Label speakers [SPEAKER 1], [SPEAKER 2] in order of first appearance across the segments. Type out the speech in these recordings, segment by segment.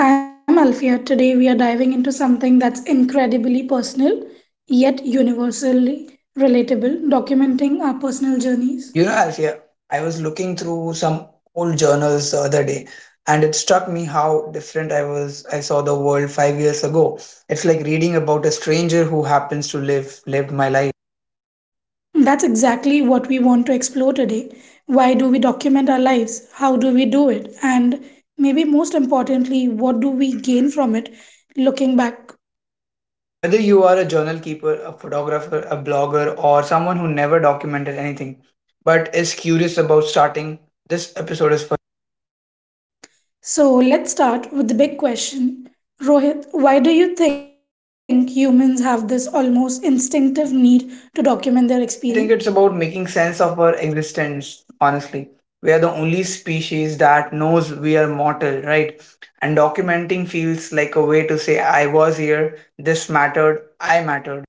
[SPEAKER 1] And I'm Alfia. Today we are diving into something that's incredibly personal yet universally relatable, documenting our personal journeys.
[SPEAKER 2] You know, Alfia, I was looking through some old journals the other day, and it struck me how different I was. I saw the world 5 years ago. It's like reading about a stranger who happens to lived my life.
[SPEAKER 1] That's exactly what we want to explore today. Why do we document our lives? How do we do it? And maybe most importantly, what do we gain from it looking back?
[SPEAKER 2] Whether you are a journal keeper, a photographer, a blogger, or someone who never documented anything, but is curious about starting, this episode is for.
[SPEAKER 1] So let's start with the big question. Rohit, why do you think humans have this almost instinctive need to document their
[SPEAKER 2] I
[SPEAKER 1] experience?
[SPEAKER 2] think it's about making sense of our existence, honestly. We are the only species that knows we are mortal, right? And documenting feels like a way to say, I was here, this mattered, I mattered.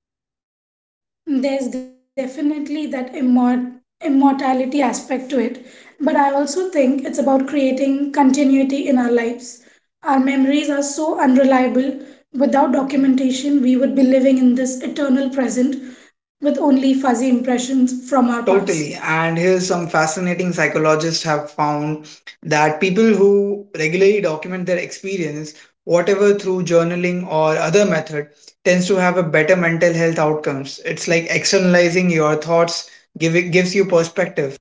[SPEAKER 1] There's definitely that immortality aspect to it, but I also think it's about creating continuity in our lives. Our memories are so unreliable. Without documentation, we would be living in this eternal present with only fuzzy impressions from our past.
[SPEAKER 2] Totally. And here's some fascinating psychologists have found that people who regularly document their experience, whatever through journaling or other method, tends to have a better mental health outcomes. It's like externalizing your thoughts gives you perspective.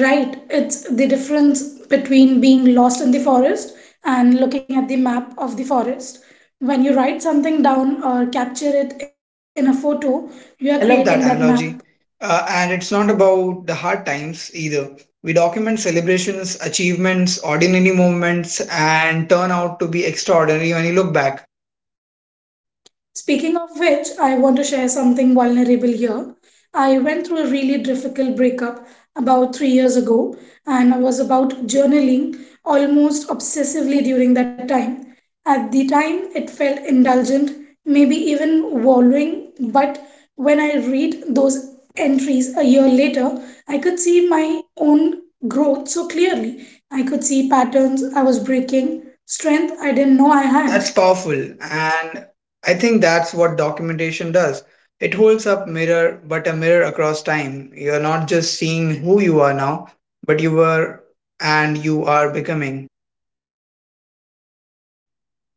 [SPEAKER 1] Right, it's the difference between being lost in the forest and looking at the map of the forest. When you write something down or capture it in a photo, you are creating
[SPEAKER 2] I
[SPEAKER 1] that
[SPEAKER 2] love that
[SPEAKER 1] map.
[SPEAKER 2] analogy. And it's not about the hard times either. We document celebrations, achievements, ordinary moments, and turn out to be extraordinary when you look back.
[SPEAKER 1] Speaking of which, I want to share something vulnerable here. I went through a really difficult breakup about 3 years ago, and I was about journaling almost obsessively during that time. At the time, it felt indulgent, maybe even wallowing, but when I read those entries a year later, I could see my own growth so clearly. I could see patterns I was breaking, strength I didn't know I
[SPEAKER 2] That's
[SPEAKER 1] had.
[SPEAKER 2] powerful. And I think that's what documentation does. It holds up mirror, but a mirror across time. You're not just seeing who you are now, but you were and you are becoming.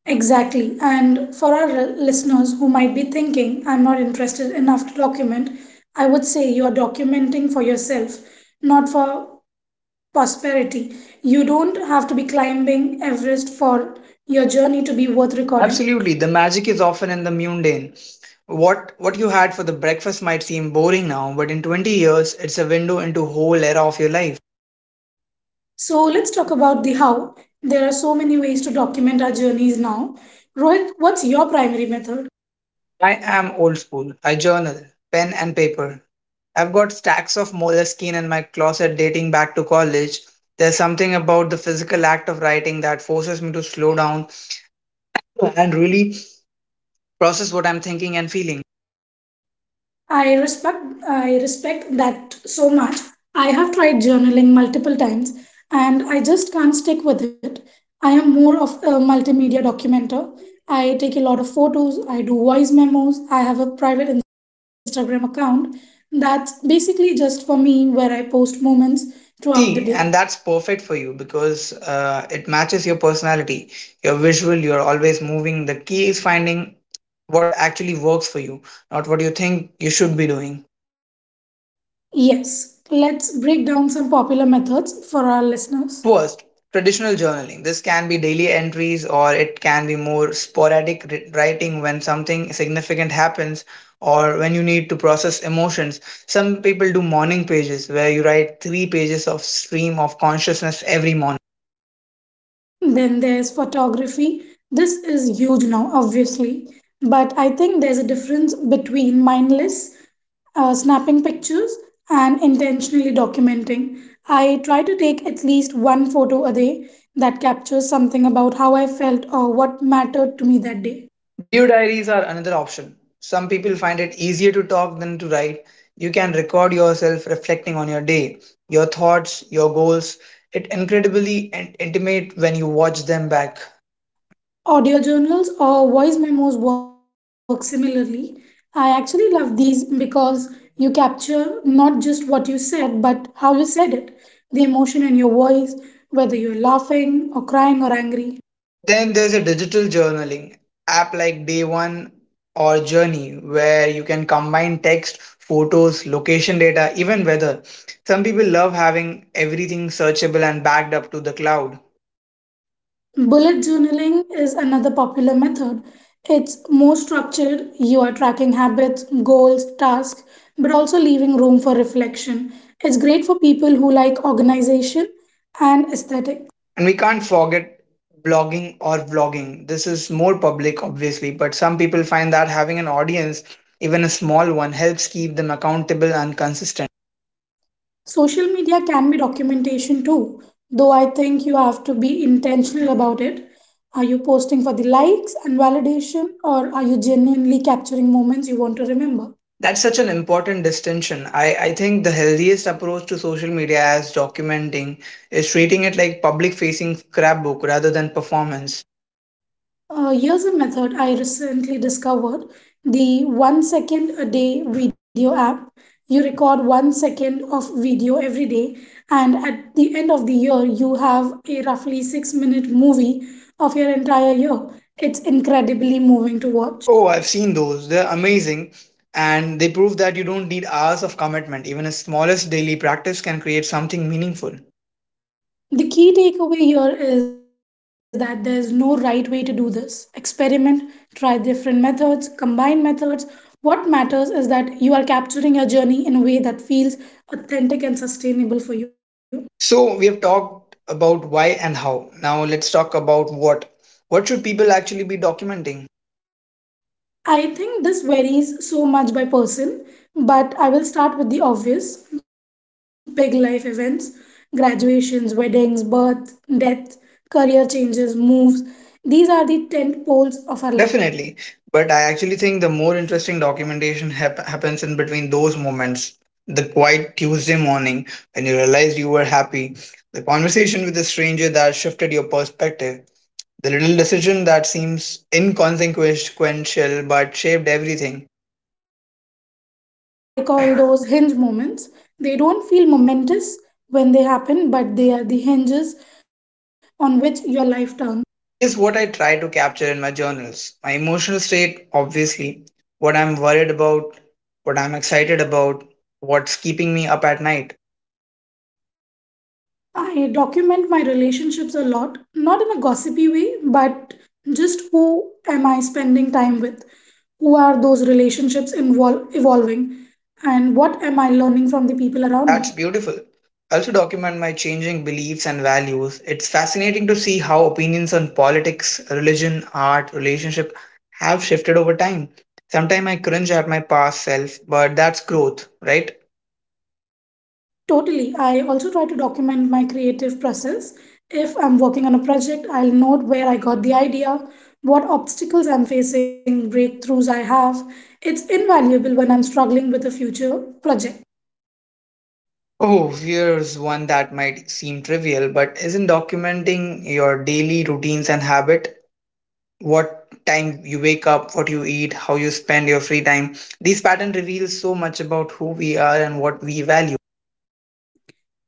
[SPEAKER 1] Exactly. And for our listeners who might be thinking, I'm not interested enough to document, I would say you are documenting for yourself, not for prosperity. You don't have to be climbing Everest for your journey to be worth recording.
[SPEAKER 2] Absolutely. The magic is often in the mundane. What you had for the breakfast might seem boring now, but in 20 years it's a window into whole era of your life.
[SPEAKER 1] So let's talk about the how. There are so many ways to document our journeys now. Rohit, what's your primary method?
[SPEAKER 2] I am old school. I journal, pen and paper. I've got stacks of moleskine in my closet dating back to college. There's something about the physical act of writing that forces me to slow down and really process what I'm thinking and feeling.
[SPEAKER 1] I respect that so much. I have tried journaling multiple times and I just can't stick with it. I am more of a multimedia documenter. I take a lot of photos, I do voice memos, I have a private Instagram account that's basically just for me where I post moments throughout the day.
[SPEAKER 2] See, and that's perfect for you because it matches your personality. You're visual, you're always moving. The key is finding what actually works for you, not what you think you should be doing.
[SPEAKER 1] Yes, let's break down some popular methods for our listeners.
[SPEAKER 2] First, traditional journaling. This can be daily entries or it can be more sporadic writing when something significant happens or when you need to process emotions. Some people do morning pages where you write three pages of stream of consciousness every morning.
[SPEAKER 1] Then there's photography. This is huge now, obviously. But I think there's a difference between mindless snapping pictures and intentionally documenting. I try to take at least one photo a day that captures something about how I felt or what mattered to me that day.
[SPEAKER 2] Video diaries are another option. Some people find it easier to talk than to write. You can record yourself reflecting on your day, your thoughts, your goals. It's incredibly intimate when you watch them back.
[SPEAKER 1] Audio journals or voice memos work similarly. I actually love these because you capture not just what you said, but how you said it, the emotion in your voice, whether you're laughing or crying or angry.
[SPEAKER 2] Then there's a digital journaling app like Day One or Journey where you can combine text, photos, location data, even weather. Some people love having everything searchable and backed up to the cloud.
[SPEAKER 1] Bullet journaling is another popular method. It's more structured, you are tracking habits, goals, tasks, but also leaving room for reflection. It's great for people who like organization and aesthetic.
[SPEAKER 2] And we can't forget blogging or vlogging. This is more public, obviously, but some people find that having an audience, even a small one, helps keep them accountable and consistent.
[SPEAKER 1] Social media can be documentation too, though I think you have to be intentional about it. Are you posting for the likes and validation, or are you genuinely capturing moments you want to remember?
[SPEAKER 2] That's such an important distinction. I think the healthiest approach to social media as documenting is treating it like public facing scrapbook rather than performance.
[SPEAKER 1] Here's a method I recently discovered, the 1 second a day video app. You record 1 second of video every day, and at the end of the year, you have a roughly 6-minute movie of your entire year. It's incredibly moving to watch.
[SPEAKER 2] Oh, I've seen those. They're amazing. And they prove that you don't need hours of commitment. Even a smallest daily practice can create something meaningful.
[SPEAKER 1] The key takeaway here is that there's no right way to do this. Experiment, try different methods, combine methods. What matters is that you are capturing your journey in a way that feels authentic and sustainable for you.
[SPEAKER 2] So we have talked about why and how. Now let's talk about what. What should people actually be documenting?
[SPEAKER 1] I think this varies so much by person, but I will start with the obvious big life events, graduations, weddings, birth, death, career changes, moves. These are the tent poles of our life.
[SPEAKER 2] Definitely. But I actually think the more interesting documentation happens in between those moments. The quiet Tuesday morning when you realized you were happy, the conversation with a stranger that shifted your perspective, the little decision that seems inconsequential but shaped everything.
[SPEAKER 1] Yes, I call those hinge moments. They don't feel momentous when they happen, but they are the hinges on which your life turns.
[SPEAKER 2] Here's what I try to capture in my journals my emotional state, obviously, what I'm worried about, what I'm excited about, what's keeping me up at night.
[SPEAKER 1] I document my relationships a lot, not in a gossipy way, but just who am I spending time with? Who are those relationships involve evolving? And what am I learning from the people
[SPEAKER 2] That's
[SPEAKER 1] around me?
[SPEAKER 2] beautiful. I also document my changing beliefs and values. It's fascinating to see how opinions on politics, religion, art, relationship have shifted over time. Sometimes I cringe at my past self, but that's growth, right?
[SPEAKER 1] Totally. I also try to document my creative process. If I'm working on a project, I'll note where I got the idea, what obstacles I'm facing, breakthroughs I have. It's invaluable when I'm struggling with a future project.
[SPEAKER 2] Oh, here's one that might seem trivial, but isn't documenting your daily routines and habit what time you wake up, what you eat, how you spend your free time. These patterns reveal so much about who we are and what we value.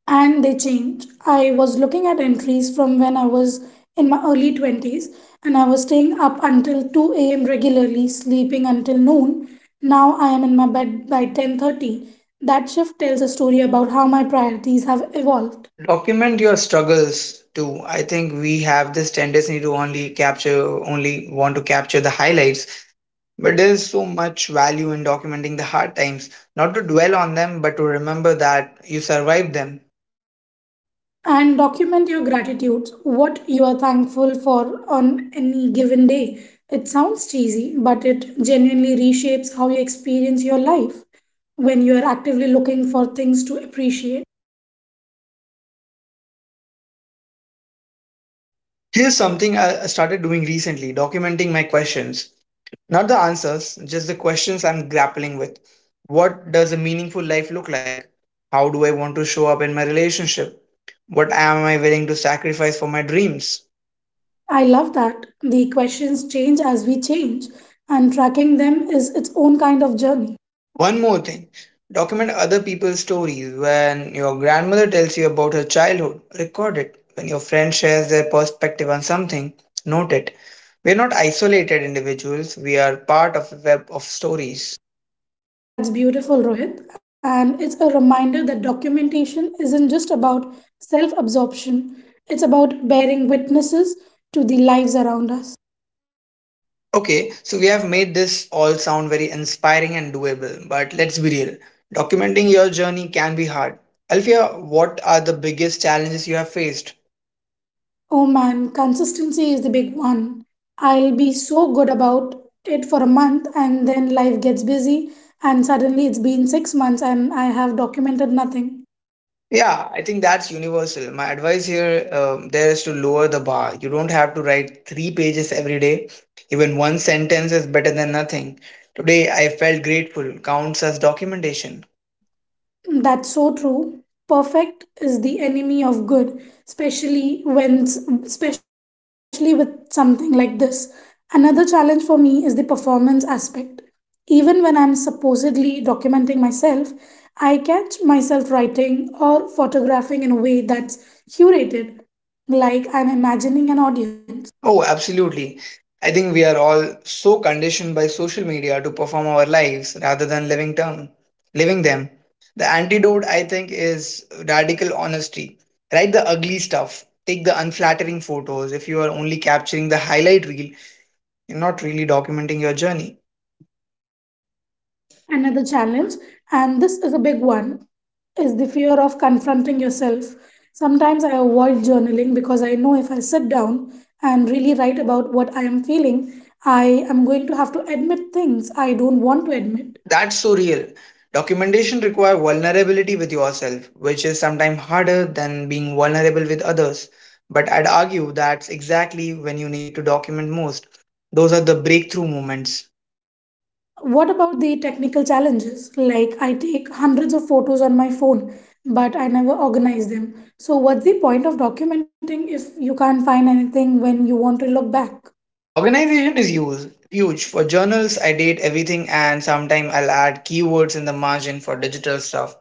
[SPEAKER 1] And they change. I was looking at entries from when I was in my early 20s and I was staying up until 2 a.m. regularly, sleeping until noon. Now I am in my bed by 10:30. That shift tells a story about how my priorities have evolved.
[SPEAKER 2] Document your struggles too. I think we have this tendency to only capture, only want to capture the highlights, but there is so much value in documenting the hard times, not to dwell on them, but to remember that you survived them.
[SPEAKER 1] And document your gratitudes, what you are thankful for on any given day. It sounds cheesy, but it genuinely reshapes how you experience your life when you are actively looking for things to appreciate.
[SPEAKER 2] Here's something I started doing recently documenting my questions. Not the answers, just the questions I'm grappling with. What does a meaningful life look like? How do I want to show up in my relationship? What am I willing to sacrifice for my dreams?
[SPEAKER 1] I love that. The questions change as we change, and tracking them is its own kind of journey.
[SPEAKER 2] One more thing document other people's stories. When your grandmother tells you about her childhood, record it. When your friend shares their perspective on something, note it. We are not isolated individuals, we are part of a web of stories.
[SPEAKER 1] That's beautiful, Rohit, and it's a reminder that documentation isn't just about self absorption. It's about bearing witnesses to the lives around us.
[SPEAKER 2] Okay, so we have made this all sound very inspiring and doable, but let's be real. Documenting your journey can be hard. Alfia, what are the biggest challenges you have faced?
[SPEAKER 1] Oh man, consistency is the big one. I'll be so good about it for a month and then life gets busy and suddenly it's been 6 months and I have documented nothing.
[SPEAKER 2] Yeah, I think that's universal. My advice here there is to lower the bar. You don't have to write three pages every day. Even one sentence is better than nothing. Today, I felt grateful counts as documentation.
[SPEAKER 1] That's so true. Perfect is the enemy of good, especially when especially with something like this. Another challenge for me is the performance aspect. Even when I'm supposedly documenting myself, I catch myself writing or photographing in a way that's curated, like I'm imagining an audience.
[SPEAKER 2] Oh, absolutely. I think we are all so conditioned by social media to perform our lives rather than living them. Living them. The antidote, I think, is radical honesty. Write the ugly stuff. Take the unflattering photos. If you are only capturing the highlight reel, you're not really documenting your journey.
[SPEAKER 1] Another challenge, and this is a big one, is the fear of confronting yourself. Sometimes I avoid journaling because I know if I sit down and really write about what I am feeling, I am going to have to admit things I don't want to admit.
[SPEAKER 2] That's so real. Documentation require vulnerability with yourself, which is sometimes harder than being vulnerable with others. But I'd argue that's exactly when you need to document most. Those are the breakthrough moments.
[SPEAKER 1] What about the technical challenges? Like, I take hundreds of photos on my phone but I never organize them. So what's the point of documenting if you can't find anything when you want to look back?
[SPEAKER 2] Organization is huge. For journals, I date everything and sometimes I'll add keywords in the margin for digital stuff.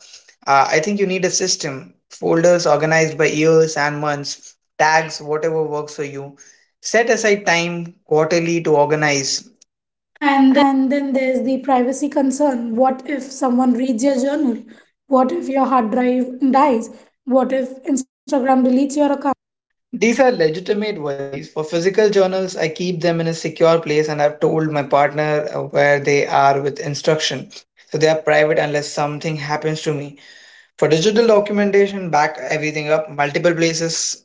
[SPEAKER 2] I think you need a system, folders organized by years and months, tags, whatever works for you. Set aside time quarterly to organize And
[SPEAKER 1] And then there's the privacy concern. What if someone reads your journal? What if your hard drive dies? What if Instagram deletes your account?
[SPEAKER 2] These are legitimate worries. For physical journals, I keep them in a secure place and I've told my partner where they are with instruction. So they are private unless something happens to me. For digital documentation, back everything up, multiple places,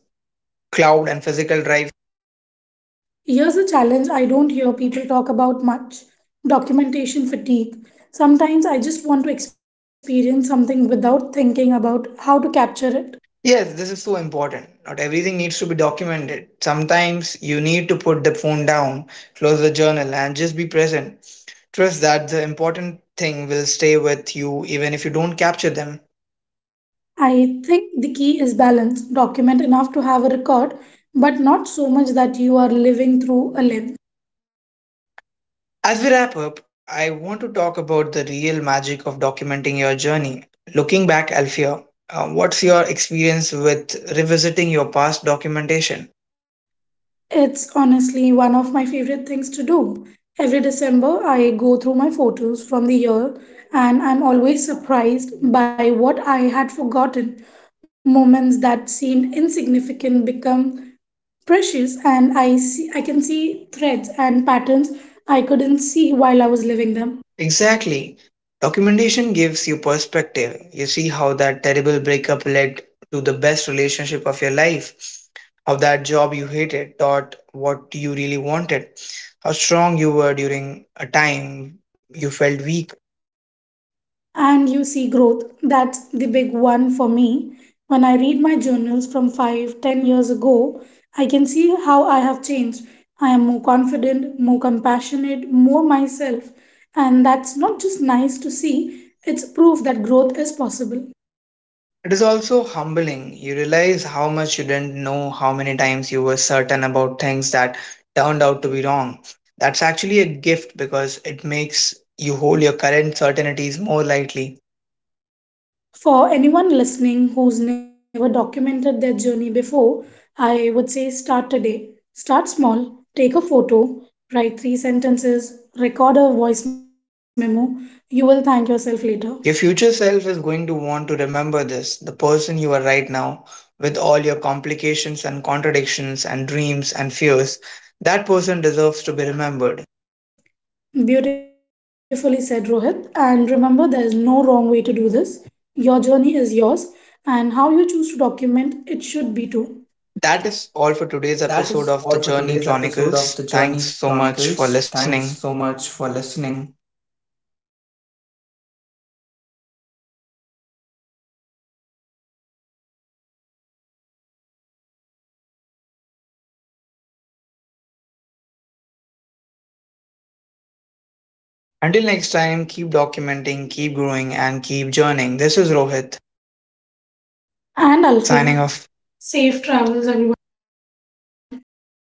[SPEAKER 2] cloud and physical drive.
[SPEAKER 1] Here's a challenge I don't hear people talk about much, documentation fatigue. Sometimes I just want to experience something without thinking about how to capture it.
[SPEAKER 2] Yes, this is so important. Not everything needs to be documented. Sometimes you need to put the phone down, close the journal, and just be present. Trust that the important thing will stay with you even if you don't capture them.
[SPEAKER 1] I think the key is balance. Document enough to have a record, but not so much that you are living through a lens.
[SPEAKER 2] As we wrap up, I want to talk about the real magic of documenting your journey. Looking back, Alfia, what's your experience with revisiting your past documentation?
[SPEAKER 1] It's honestly one of my favorite things to do. Every December, I go through my photos from the year and I'm always surprised by what I had forgotten. Moments that seemed insignificant become precious, and I can see threads and patterns I couldn't see while I was living them.
[SPEAKER 2] Exactly. Documentation gives you perspective. You see how that terrible breakup led to the best relationship of your life, how that job you hated taught what you really wanted, how strong you were during a time you felt weak.
[SPEAKER 1] And you see growth. That's the big one for me. When I read my journals from 5, 10 years ago, I can see how I have changed. I am more confident, more compassionate, more myself. And that's not just nice to see, it's proof that growth is possible.
[SPEAKER 2] It is also humbling. You realize how much you didn't know, how many times you were certain about things that turned out to be wrong. That's actually a gift because it makes you hold your current certainties more lightly.
[SPEAKER 1] For anyone listening who's never documented their journey before, I would say start today. Start small. Take a photo, write three sentences, record a voice memo. You will thank yourself later.
[SPEAKER 2] Your future self is going to want to remember this the person you are right now, with all your complications and contradictions and dreams and fears. That person deserves to be remembered.
[SPEAKER 1] Beautifully said, Rohit. And remember, there is no wrong way to do this. Your journey is yours, and how you choose to document it should be too.
[SPEAKER 2] That is all for today's episode of the Journey Chronicles. Thanks so much for listening. Until next time, keep documenting, keep growing, and keep journeying. This is Rohit
[SPEAKER 1] And Alfia,
[SPEAKER 2] signing off. Safe travels, everyone.